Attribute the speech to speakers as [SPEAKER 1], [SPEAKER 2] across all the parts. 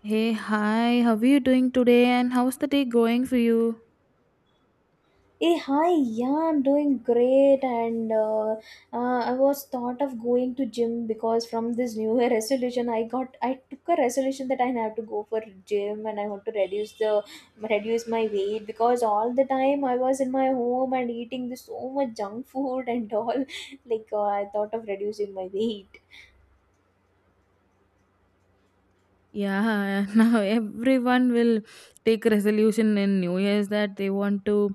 [SPEAKER 1] Hey, hi, how are you doing today and how's the day going for you?
[SPEAKER 2] Hey, hi, yeah, I'm doing great, and I was thought of going to gym because from this New Year resolution, I took a resolution that I have to go for gym and I want to reduce my weight because all the time I was in my home and eating this so much junk food and all, I thought of reducing my weight.
[SPEAKER 1] Yeah, now everyone will take resolution in New Year's that they want to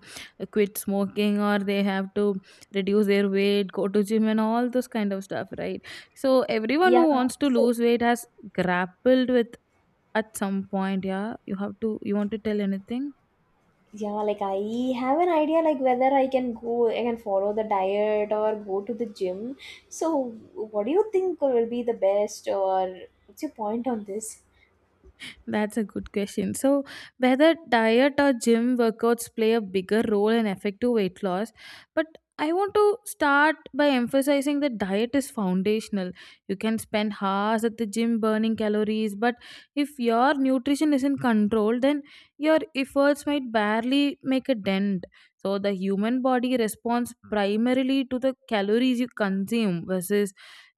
[SPEAKER 1] quit smoking or they have to reduce their weight, go to gym and all those kind of stuff, right? So everyone
[SPEAKER 2] Yeah,
[SPEAKER 1] who wants to
[SPEAKER 2] so.
[SPEAKER 1] lose weight has grappled with at some point, yeah. You want to tell anything?
[SPEAKER 2] Yeah, like I have an idea like whether I can follow the diet or go to the gym. So what do you think will be the best, or what's your point on this?
[SPEAKER 1] That's a good question. So, whether diet or gym workouts play a bigger role in effective weight loss, but I want to start by emphasizing that diet is foundational. You can spend hours at the gym burning calories, but if your nutrition isn't controlled, then your efforts might barely make a dent. So, the human body responds primarily to the calories you consume versus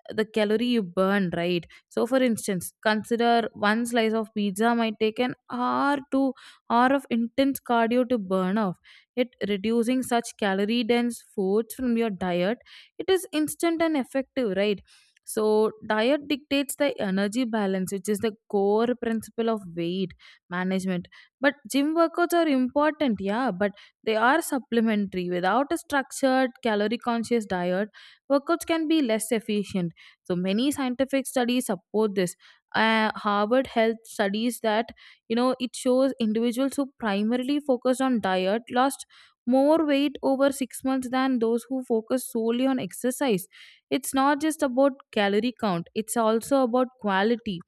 [SPEAKER 1] the calorie you burn, right? So, for instance, consider one slice of pizza might take an hour to hour of intense cardio to burn off. Yet, reducing such calorie dense foods from your diet, it is instant and effective, right? So, diet dictates the energy balance, which is the core principle of weight management. But gym workouts are important, yeah, but they are supplementary. Without a structured, calorie conscious diet, workouts can be less efficient. So many scientific studies support this. Harvard Health studies that it shows individuals who primarily focused on diet lost more weight over 6 months than those who focus solely on exercise. It's not just about calorie count; it's also about quality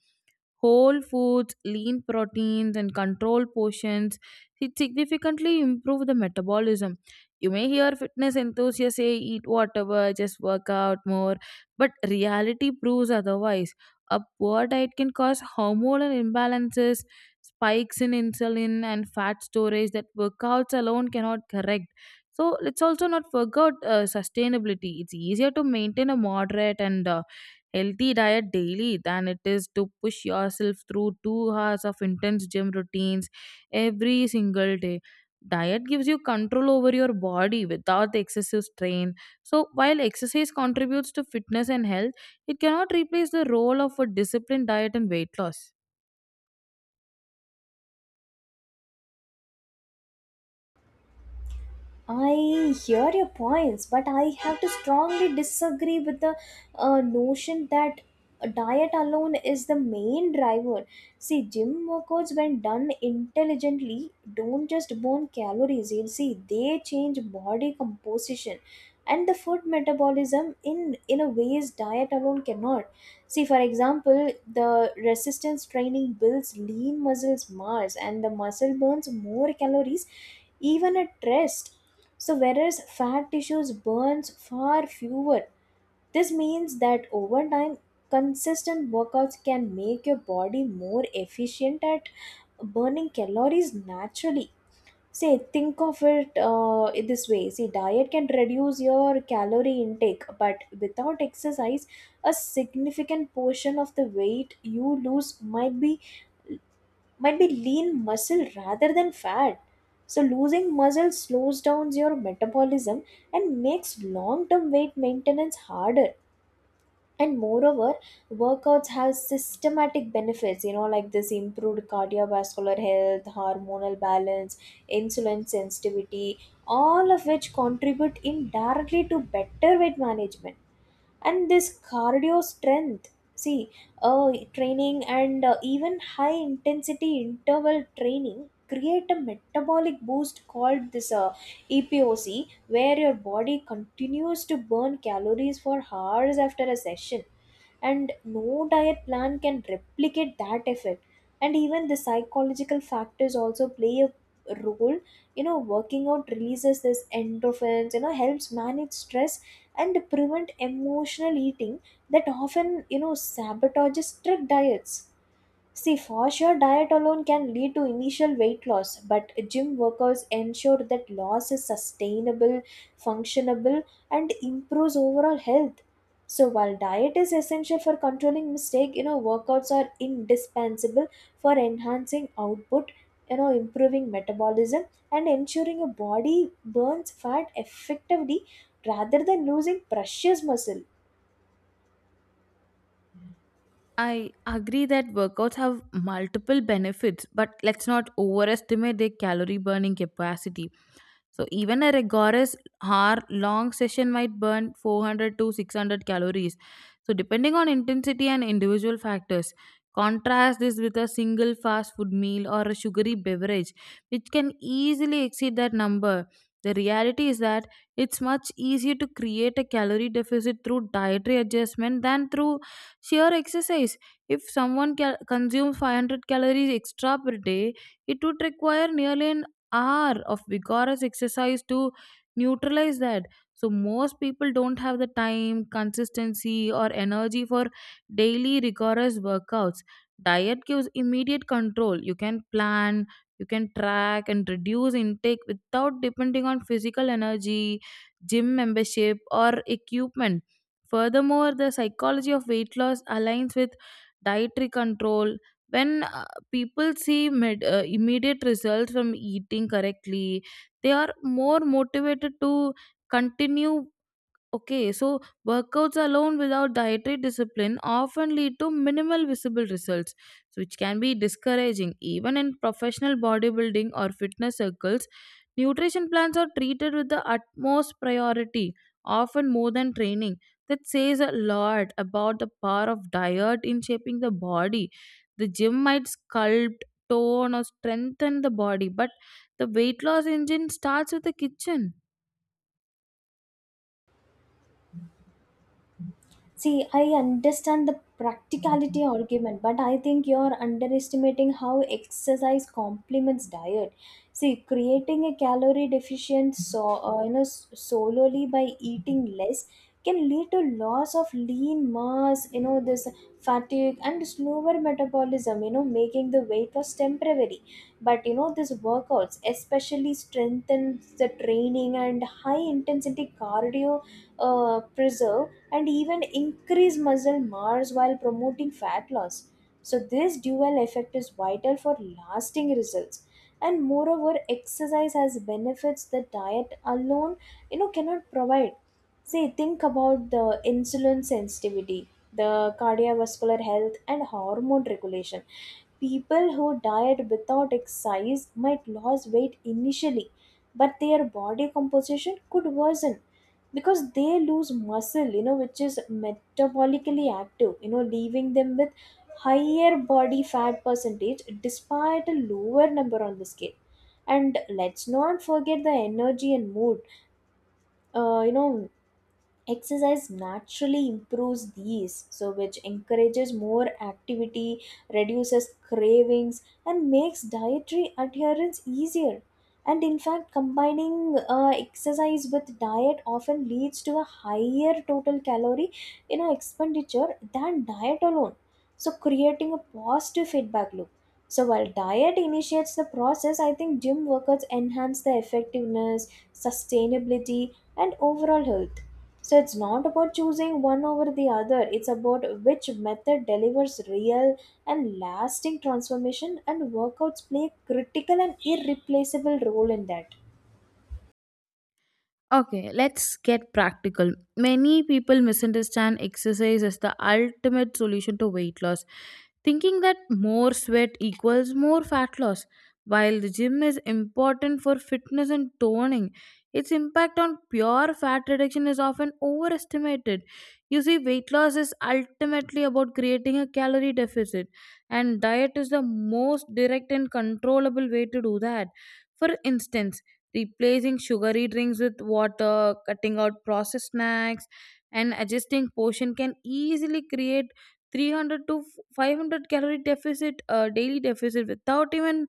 [SPEAKER 1] whole foods, lean proteins, and controlled portions. It significantly improve the metabolism. You may hear fitness enthusiasts say eat whatever, just work out more, but reality proves otherwise. A poor diet can cause hormonal imbalances, spikes in insulin, and fat storage that workouts alone cannot correct. So let's also not forget sustainability. It's easier to maintain a moderate and healthy diet daily than it is to push yourself through 2 hours of intense gym routines every single day. Diet gives you control over your body without the excessive strain. So while exercise contributes to fitness and health, it cannot replace the role of a disciplined diet and weight loss.
[SPEAKER 2] I hear your points, but I have to strongly disagree with the notion that diet alone is the main driver. See, gym workouts, when done intelligently, don't just burn calories. You'll see they change body composition and the food metabolism in a ways diet alone cannot. See, for example, the resistance training builds lean muscles mass, and the muscle burns more calories even at rest, so whereas fat tissues burns far fewer, this means that over time, consistent workouts can make your body more efficient at burning calories naturally. Say, think of it in this way. See, diet can reduce your calorie intake, but without exercise, a significant portion of the weight you lose might be lean muscle rather than fat. So, losing muscle slows down your metabolism and makes long term weight maintenance harder. And moreover, workouts have systematic benefits, like this improved cardiovascular health, hormonal balance, insulin sensitivity, all of which contribute indirectly to better weight management and this cardio strength. See uh, Training and even high intensity interval training create a metabolic boost called this epoc, where your body continues to burn calories for hours after a session, and no diet plan can replicate that effect. And even the psychological factors also play a role, working out releases this endorphins, helps manage stress and prevent emotional eating that often sabotages strict diets. See, for sure, diet alone can lead to initial weight loss, but gym workers ensure that loss is sustainable, functionable, and improves overall health. So, while diet is essential for controlling mistake, workouts are indispensable for enhancing output, improving metabolism, and ensuring a body burns fat effectively rather than losing precious muscle.
[SPEAKER 1] I agree that workouts have multiple benefits, but let's not overestimate their calorie burning capacity. So, even a rigorous hour long session might burn 400 to 600 calories. So, depending on intensity and individual factors, contrast this with a single fast food meal or a sugary beverage, which can easily exceed that number. The reality is that it's much easier to create a calorie deficit through dietary adjustment than through sheer exercise. If someone consumes 500 calories extra per day, it would require nearly an hour of vigorous exercise to neutralize that. So, most people don't have the time, consistency, or energy for daily rigorous workouts. Diet gives immediate control. You can plan, you can track, and reduce intake without depending on physical energy, gym membership, or equipment. Furthermore, the psychology of weight loss aligns with dietary control. When people see immediate results from eating correctly, they are more motivated to continue. Okay, so workouts alone without dietary discipline often lead to minimal visible results, which can be discouraging. Even in professional bodybuilding or fitness circles, nutrition plans are treated with the utmost priority, often more than training. That says a lot about the power of diet in shaping the body. The gym might sculpt, tone, or strengthen the body, but the weight loss engine starts with the kitchen.
[SPEAKER 2] See, I understand the practicality argument, but I think you're underestimating how exercise complements diet. See, creating a calorie deficient so solely by eating less can lead to loss of lean mass, this fatigue and slower metabolism, making the weight loss temporary. But you know, these workouts especially strengthens the training and high intensity cardio preserve and even increase muscle mass while promoting fat loss. So, this dual effect is vital for lasting results. And moreover, exercise has benefits that diet alone, cannot provide. See, think about the insulin sensitivity, the cardiovascular health, and hormone regulation. People who diet without exercise might lose weight initially, but their body composition could worsen because they lose muscle, you know, which is metabolically active, you know, leaving them with higher body fat percentage despite a lower number on the scale. And let's not forget the energy and mood, uh, you know exercise naturally improves these, so which encourages more activity, reduces cravings, and makes dietary adherence easier. And in fact, combining exercise with diet often leads to a higher total calorie, you know, expenditure than diet alone, so creating a positive feedback loop. So while diet initiates the process, I think gym workouts enhance the effectiveness, sustainability, and overall health. So it's not about choosing one over the other, it's about which method delivers real and lasting transformation, and workouts play a critical and irreplaceable role in that.
[SPEAKER 1] Okay, let's get practical. Many people misunderstand exercise as the ultimate solution to weight loss, thinking that more sweat equals more fat loss. While the gym is important for fitness and toning, its impact on pure fat reduction is often overestimated. You see, weight loss is ultimately about creating a calorie deficit, and diet is the most direct and controllable way to do that. For instance, replacing sugary drinks with water, cutting out processed snacks, and adjusting portion can easily create 300 to 500 calorie deficit, daily deficit without even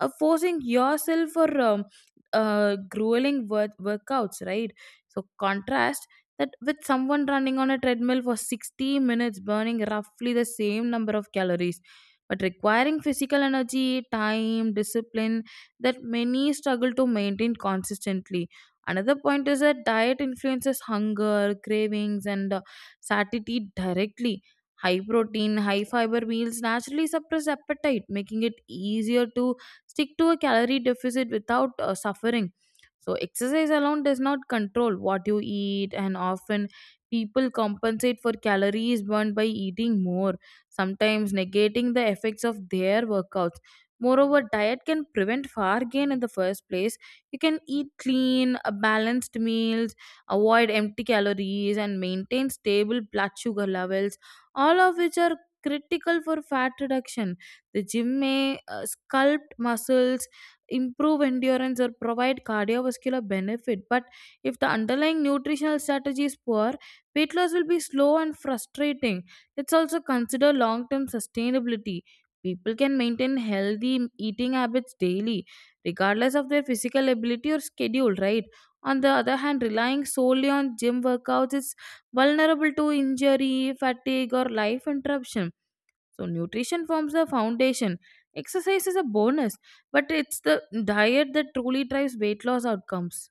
[SPEAKER 1] forcing yourself for grueling workouts, right? So contrast that with someone running on a treadmill for 60 minutes, burning roughly the same number of calories, but requiring physical energy, time, discipline, that many struggle to maintain consistently. Another point is that diet influences hunger, cravings, and satiety directly. High protein, high fiber meals naturally suppress appetite, making it easier to stick to a calorie deficit without suffering. So, exercise alone does not control what you eat, and often people compensate for calories burned by eating more, sometimes negating the effects of their workouts. Moreover, diet can prevent far gain in the first place. You can eat clean, balanced meals, avoid empty calories, and maintain stable blood sugar levels, all of which are critical for fat reduction. The gym may sculpt muscles, improve endurance, or provide cardiovascular benefit. But if the underlying nutritional strategy is poor, weight loss will be slow and frustrating. Let's also consider long term sustainability. People can maintain healthy eating habits daily, regardless of their physical ability or schedule, right? On the other hand, relying solely on gym workouts is vulnerable to injury, fatigue, or life interruption. So, nutrition forms the foundation. Exercise is a bonus, but it's the diet that truly drives weight loss outcomes.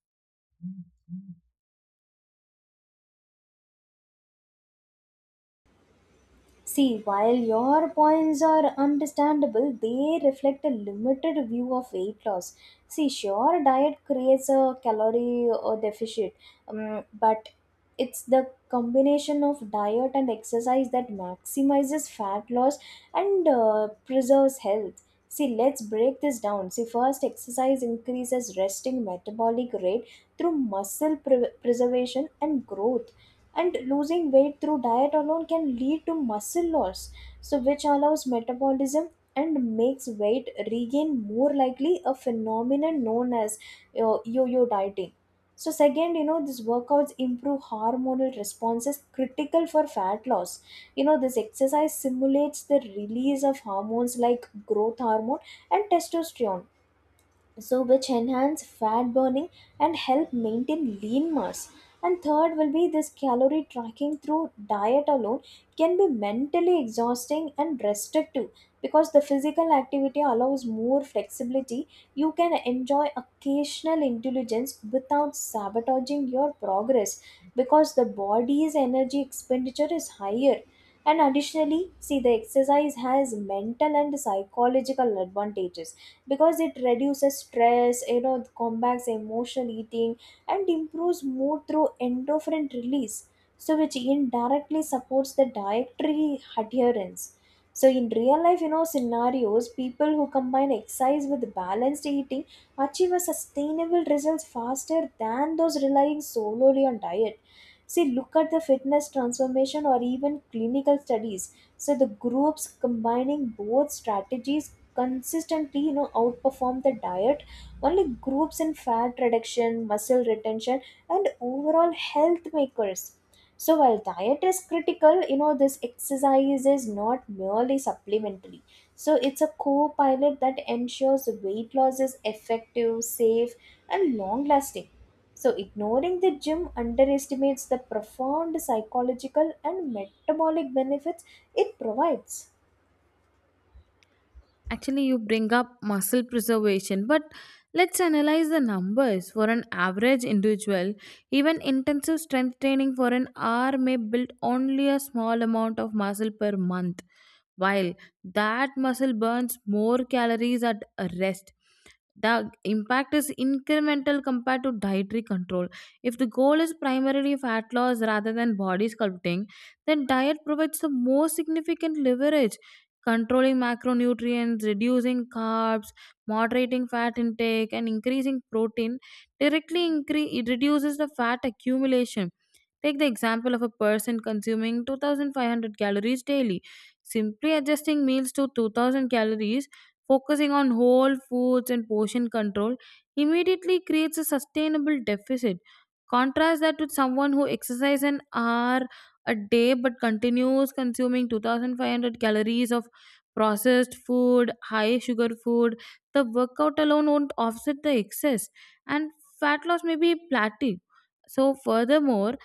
[SPEAKER 2] See, while your points are understandable, they reflect a limited view of weight loss. See, sure, diet creates a calorie deficit, but it's the combination of diet and exercise that maximizes fat loss and preserves health. See, let's break this down. See, first, exercise increases resting metabolic rate through muscle preservation and growth, and losing weight through diet alone can lead to muscle loss, so which allows metabolism and makes weight regain more likely, a phenomenon known as yo-yo dieting. So second, you know, these workouts improve hormonal responses critical for fat loss, you know, this exercise simulates the release of hormones like growth hormone and testosterone, so which enhance fat burning and help maintain lean mass. And third will be this calorie tracking through diet alone can be mentally exhausting and restrictive because the physical activity allows more flexibility. You can enjoy occasional intelligence without sabotaging your progress because the body's energy expenditure is higher. And additionally, see the exercise has mental and psychological advantages because it reduces stress, you know, combats emotional eating, and improves mood through endorphin release, so which indirectly supports the dietary adherence. So in real life, you know, scenarios, people who combine exercise with balanced eating achieve a sustainable results faster than those relying solely on diet. See, look at the fitness transformation or even clinical studies, so the groups combining both strategies consistently, you know, outperform the diet only groups in fat reduction, muscle retention, and overall health makers. So while diet is critical, you know, this exercise is not merely supplementary, so it's a co-pilot that ensures weight loss is effective, safe, and long lasting. So ignoring the gym underestimates the profound psychological and metabolic benefits it provides.
[SPEAKER 1] Actually, you bring up muscle preservation, but let's analyze the numbers. For an average individual, even intensive strength training for an hour may build only a small amount of muscle per month, while that muscle burns more calories at a rest, the impact is incremental compared to dietary control. If the goal is primarily fat loss rather than body sculpting, then diet provides the most significant leverage. Controlling macronutrients, reducing carbs, moderating fat intake, and increasing protein directly it reduces the fat accumulation. Take the example of a person consuming 2,500 calories daily. Simply adjusting meals to 2,000 calories focusing on whole foods and portion control immediately creates a sustainable deficit. Contrast that with someone who exercises an hour a day but continues consuming 2,500 calories of processed food, high sugar food. The workout alone won't offset the excess, and fat loss may be plateau. So, furthermore,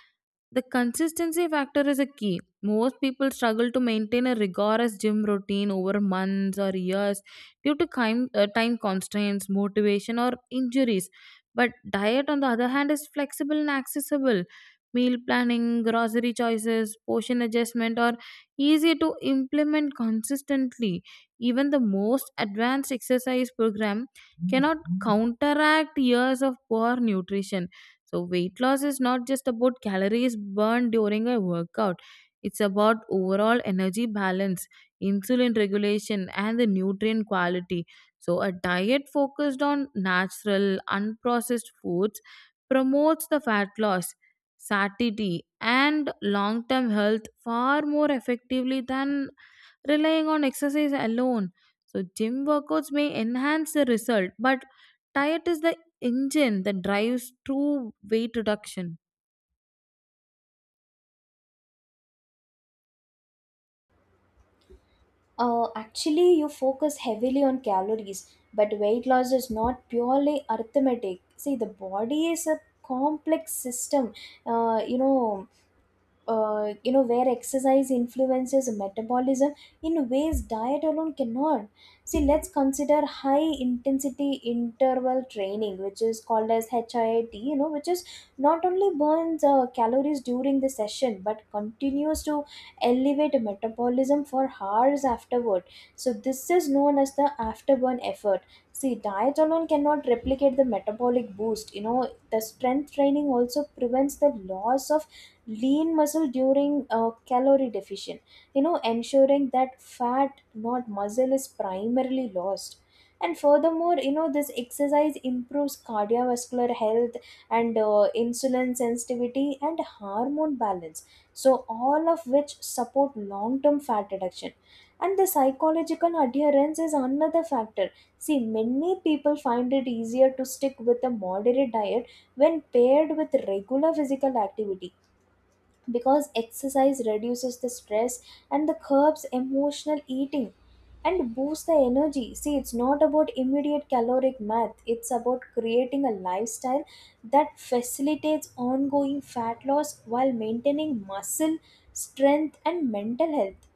[SPEAKER 1] the consistency factor is a key. Most people struggle to maintain a rigorous gym routine over months or years due to time constraints, motivation, or injuries. But diet, on the other hand, is flexible and accessible. Meal planning, grocery choices, portion adjustment are easy to implement consistently. Even the most advanced exercise program cannot counteract years of poor nutrition. So, weight loss is not just about calories burned during a workout, it's about overall energy balance, insulin regulation, and the nutrient quality. So, a diet focused on natural, unprocessed foods promotes the fat loss, satiety, and long term health far more effectively than relying on exercise alone. So, gym workouts may enhance the result, but diet is the engine that drives true weight reduction.
[SPEAKER 2] Actually, you focus heavily on calories, but weight loss is not purely arithmetic. See, the body is a complex system. Uh, you know, you know where exercise influences metabolism in ways diet alone cannot. See, let's consider high intensity interval training, which is called as HIIT, you know, which is not only burns calories during the session but continues to elevate metabolism for hours afterward. So this is known as the afterburn effort. See, diet alone cannot replicate the metabolic boost, you know, the strength training also prevents the loss of lean muscle during calorie deficient, you know, ensuring that fat, not muscle, is primarily lost. And furthermore, you know, this exercise improves cardiovascular health and insulin sensitivity and hormone balance, so all of which support long term fat reduction. And the psychological adherence is another factor. See, many people find it easier to stick with a moderate diet when paired with regular physical activity because exercise reduces the stress and the curbs emotional eating and boost the energy. See, it's not about immediate caloric math, it's about creating a lifestyle that facilitates ongoing fat loss while maintaining muscle, strength, and mental health.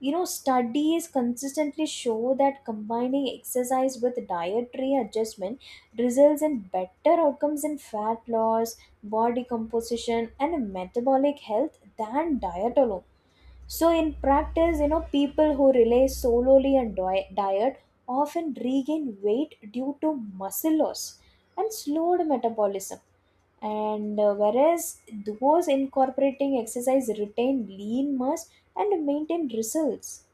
[SPEAKER 2] You know, studies consistently show that combining exercise with dietary adjustment results in better outcomes in fat loss, body composition, and metabolic health than diet alone. So, in practice, you know, people who rely solely on diet often regain weight due to muscle loss and slowed metabolism. And whereas those incorporating exercise retain lean mass and maintain results.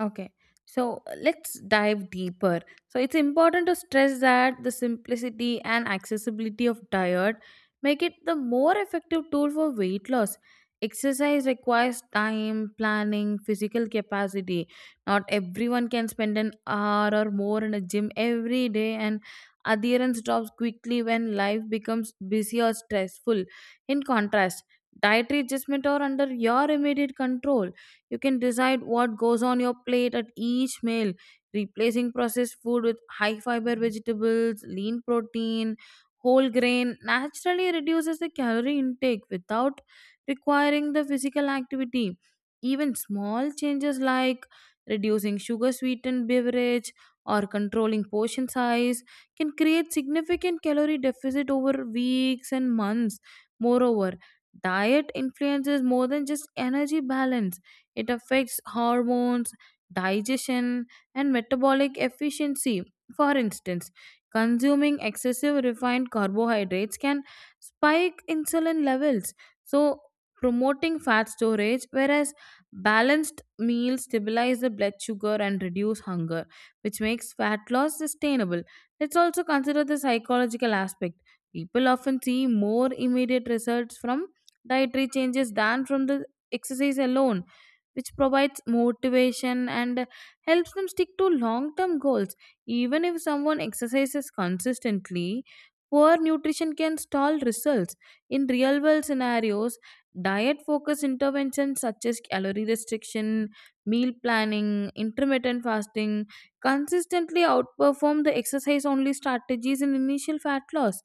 [SPEAKER 1] Okay. So let's dive deeper. So it's important to stress that the simplicity and accessibility of diet make it the more effective tool for weight loss. Exercise requires time, planning, physical capacity. Not everyone can spend an hour or more in a gym every day and adherence drops quickly when life becomes busy or stressful. In contrast, dietary adjustment are under your immediate control. You can decide what goes on your plate at each meal, replacing processed food with high fiber vegetables, lean protein, whole grain naturally reduces the calorie intake without requiring the physical activity. Even small changes like reducing sugar sweetened beverage or controlling portion size can create significant calorie deficit over weeks and months. Moreover, diet influences more than just energy balance. It affects hormones, digestion, and metabolic efficiency. For instance, consuming excessive refined carbohydrates can spike insulin levels, so promoting fat storage, whereas balanced meals stabilize the blood sugar and reduce hunger, which makes fat loss sustainable. Let's also consider the psychological aspect. People often see more immediate results from dietary changes than from the exercise alone, which provides motivation and helps them stick to long term goals. Even if someone exercises consistently, poor nutrition can stall results. In real world scenarios, diet focused interventions such as calorie restriction, meal planning, intermittent fasting consistently outperform the exercise only strategies in initial fat loss.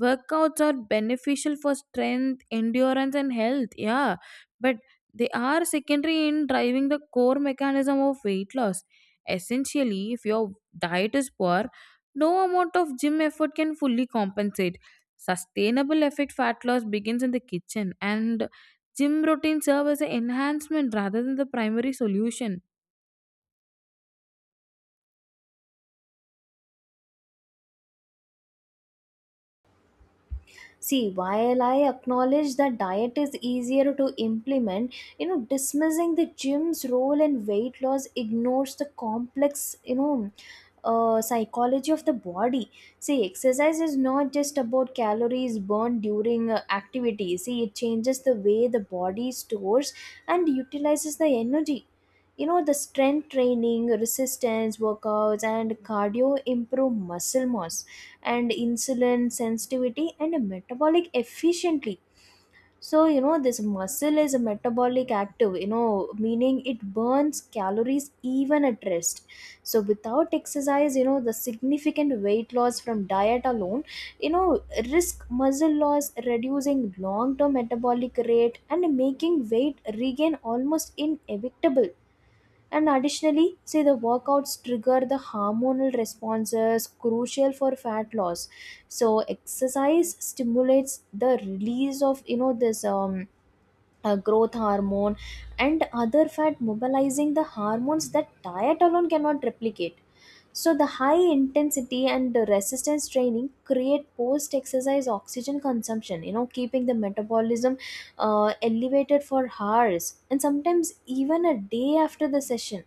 [SPEAKER 1] Workouts are beneficial for strength, endurance, and health. Yeah, but they are secondary in driving the core mechanism of weight loss. Essentially, if your diet is poor, no amount of gym effort can fully compensate. Sustainable effect fat loss begins in the kitchen, and gym routine serve as an enhancement rather than the primary solution.
[SPEAKER 2] See, while I acknowledge that diet is easier to implement, you know, dismissing the gym's role in weight loss ignores the complex, psychology of the body. See, exercise is not just about calories burned during activity. See, it changes the way the body stores and utilizes the energy. You know, the strength training, resistance workouts, and cardio improve muscle mass and insulin sensitivity and metabolic efficiently. So you know this muscle is a metabolic active, you know, meaning it burns calories even at rest. So without exercise, you know, the significant weight loss from diet alone, you know, risk muscle loss, reducing long term metabolic rate and making weight regain almost inevitable. And additionally, say the workouts trigger the hormonal responses crucial for fat loss. So exercise stimulates the release of, you know this growth hormone and other fat mobilizing the hormones that diet alone cannot replicate. So the high intensity and the resistance training create post exercise oxygen consumption, you know, keeping the metabolism elevated for hours and sometimes even a day after the session.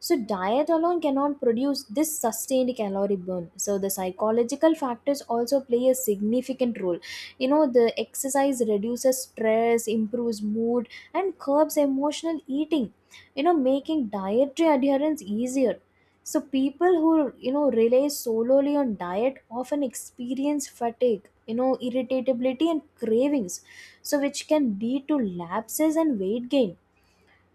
[SPEAKER 2] So diet alone cannot produce this sustained calorie burn. So the psychological factors also play a significant role. You know, the exercise reduces stress, improves mood, and curbs emotional eating, you know, making dietary adherence easier. So people who, you know, rely solely on diet often experience fatigue, you know, irritability and cravings, so which can lead to lapses and weight gain.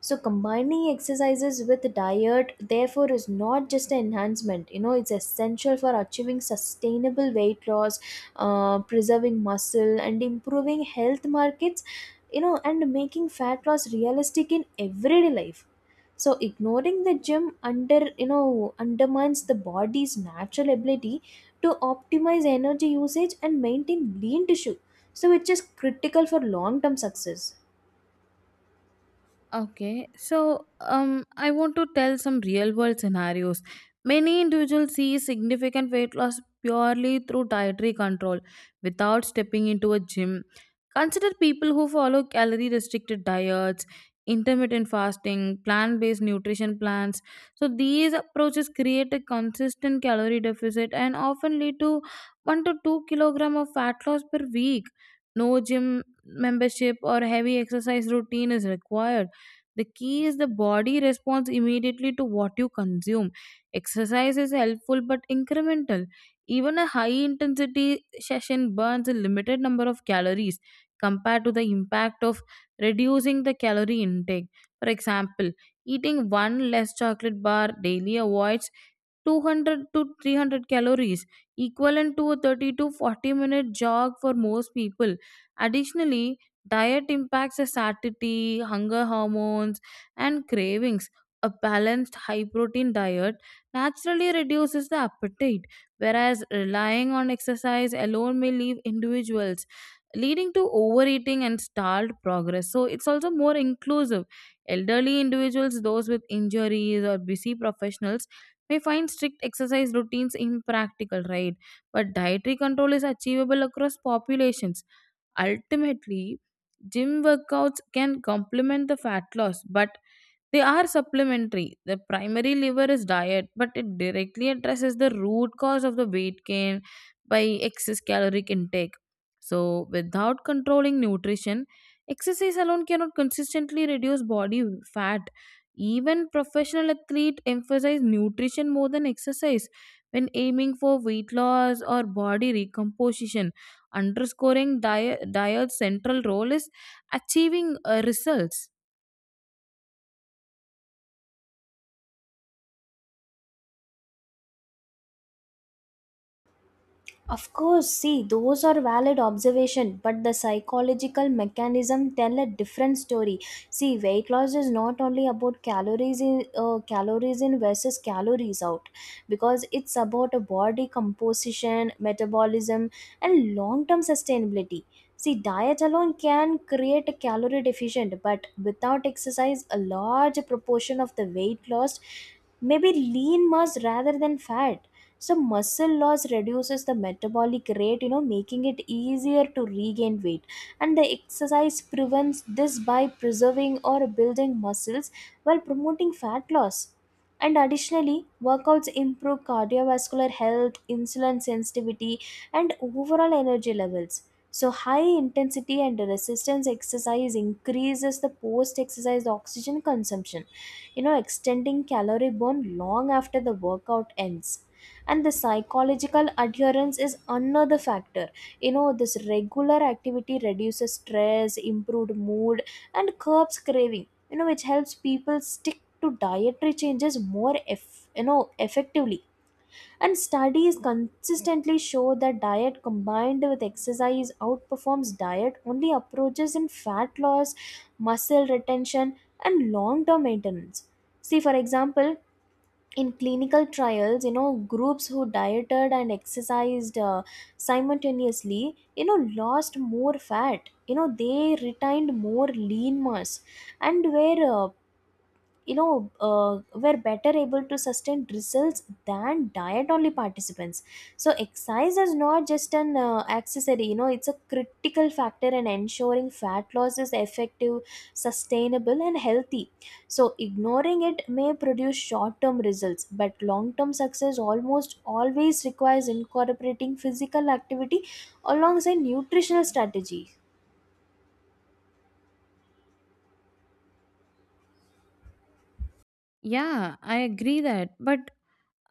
[SPEAKER 2] So combining exercises with diet therefore is not just an enhancement, you know, it's essential for achieving sustainable weight loss, preserving muscle and improving health markets, you know, and making fat loss realistic in everyday life. So ignoring the gym, undermines the body's natural ability to optimize energy usage and maintain lean tissue, so which is critical for long term success.
[SPEAKER 1] Okay, so I want to tell some real world scenarios. Many individuals see significant weight loss purely through dietary control without stepping into a gym. Consider people who follow calorie restricted diets, intermittent fasting, plant based nutrition plans. So, these approaches create a consistent calorie deficit and often lead to 1 to 2 kilogram of fat loss per week. No gym membership or heavy exercise routine is required. The key is the body responds immediately to what you consume. Exercise is helpful but incremental. Even a high intensity session burns a limited number of calories compared to the impact of reducing the calorie intake. For example, eating one less chocolate bar daily avoids 200 to 300 calories, equivalent to a 30 to 40 minute jog for most people. Additionally, diet impacts the satiety, hunger hormones, and cravings. A balanced high protein diet naturally reduces the appetite, whereas relying on exercise alone may leave individuals leading to overeating and stalled progress. So it's also more inclusive. Elderly individuals, those with injuries, or busy professionals we find strict exercise routines impractical, right? But dietary control is achievable across populations. Ultimately, gym workouts can complement the fat loss, but they are supplementary. The primary lever is diet, but it directly addresses the root cause of the weight gain by excess caloric intake. So, without controlling nutrition, exercise alone cannot consistently reduce body fat. Even professional athletes emphasize nutrition more than exercise when aiming for weight loss or body recomposition, underscoring diet's central role is achieving results.
[SPEAKER 2] Of course, see, those are valid observation, but the psychological mechanism tell a different story. See, weight loss is not only about calories in versus calories out, because it's about a body composition, metabolism, and long-term sustainability. See, diet alone can create a calorie deficient, but without exercise, a large proportion of the weight lost may be lean mass rather than fat. So muscle loss reduces the metabolic rate, you know, making it easier to regain weight, and the exercise prevents this by preserving or building muscles while promoting fat loss. And additionally, workouts improve cardiovascular health, insulin sensitivity, and overall energy levels. So high intensity and resistance exercise increases the post exercise oxygen consumption, you know, extending calorie burn long after the workout ends. And the psychological adherence is another factor. You know, this regular activity reduces stress, improved mood, and curbs craving, you know, which helps people stick to dietary changes more effectively. And studies consistently show that diet combined with exercise outperforms diet only approaches in fat loss, muscle retention, and long term maintenance. See, for example, in clinical trials, you know, groups who dieted and exercised simultaneously, you know, lost more fat, you know, they retained more lean mass and were, uh, you know uh, were better able to sustain results than diet only participants. So exercise is not just an accessory, you know, it's a critical factor in ensuring fat loss is effective, sustainable, and healthy. So ignoring it may produce short term results, but long term success almost always requires incorporating physical activity alongside nutritional strategy.
[SPEAKER 1] Yeah, I agree that. But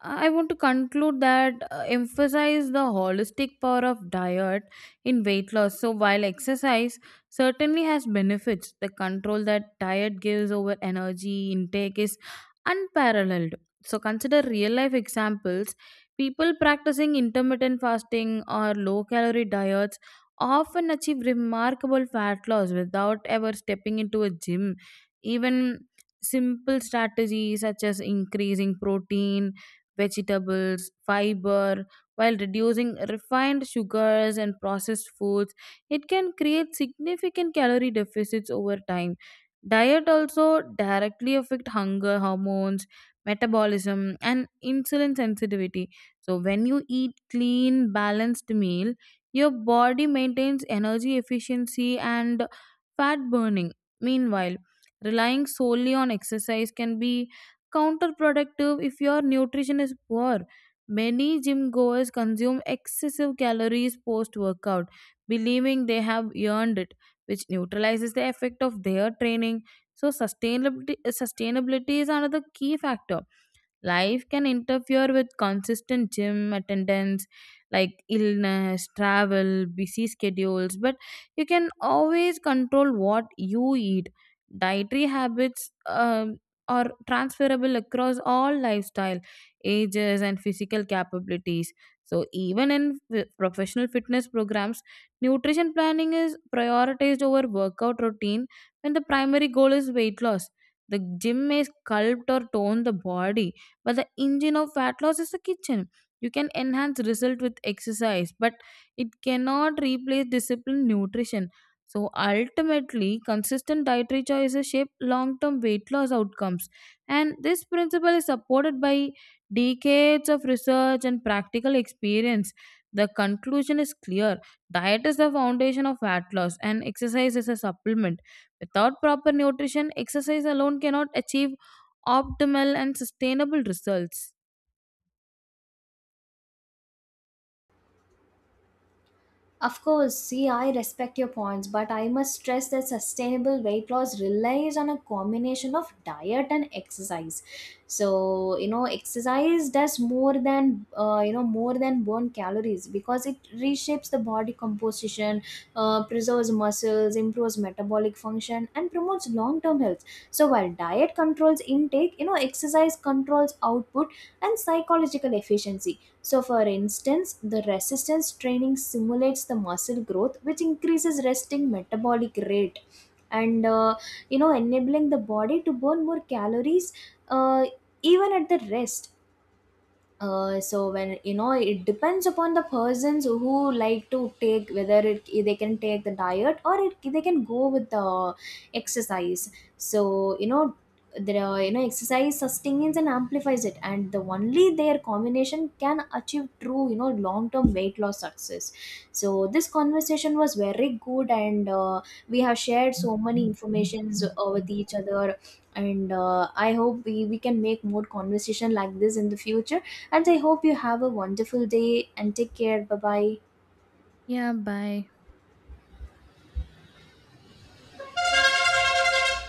[SPEAKER 1] I want to conclude that emphasize the holistic power of diet in weight loss. So, while exercise certainly has benefits, the control that diet gives over energy intake is unparalleled. So, consider real life examples. People practicing intermittent fasting or low calorie diets often achieve remarkable fat loss without ever stepping into a gym. Even simple strategies such as increasing protein vegetables, fiber, while reducing refined sugars and processed foods. It can create significant calorie deficits over time. Diet also directly affect hunger hormones, metabolism and insulin sensitivity. So when you eat clean balanced meal, your body maintains energy efficiency and fat burning. Meanwhile, relying solely on exercise can be counterproductive if your nutrition is poor. Many gym goers consume excessive calories post workout, believing they have earned it, which neutralizes the effect of their training. So, sustainability is another key factor. Life can interfere with consistent gym attendance, like illness, travel, busy schedules, but you can always control what you eat. Dietary habits are transferable across all lifestyle, ages, and physical capabilities. So, even in professional fitness programs, nutrition planning is prioritized over workout routine when the primary goal is weight loss. The gym may sculpt or tone the body, but the engine of fat loss is the kitchen. You can enhance result with exercise, but it cannot replace disciplined nutrition. So ultimately consistent dietary choices shape long-term weight loss outcomes, and this principle is supported by decades of research and practical experience. The conclusion is clear. Diet is the foundation of fat loss and exercise is a supplement. Without proper nutrition, exercise alone cannot achieve optimal and sustainable results.
[SPEAKER 2] Of course, see, I respect your points, but I must stress that sustainable weight loss relies on a combination of diet and exercise. So, you know, exercise does more than burn calories because it reshapes the body composition, preserves muscles, improves metabolic function, and promotes long term health. So, while diet controls intake, you know, exercise controls output and psychological efficiency. So, for instance, the resistance training simulates the muscle growth, which increases resting metabolic rate and enabling the body to burn more calories, uh, even at the rest. So when you know it depends upon the persons who like to take whether it they can take the diet or it, they can go with the exercise. So you know there are, you know exercise sustains and amplifies it, and the only their combination can achieve true, you know, long term weight loss success. So this conversation was very good, and we have shared so many informations with each other, and I hope we can make more conversation like this in the future, and I hope you have a wonderful day and take care. Bye bye.
[SPEAKER 1] Yeah, bye.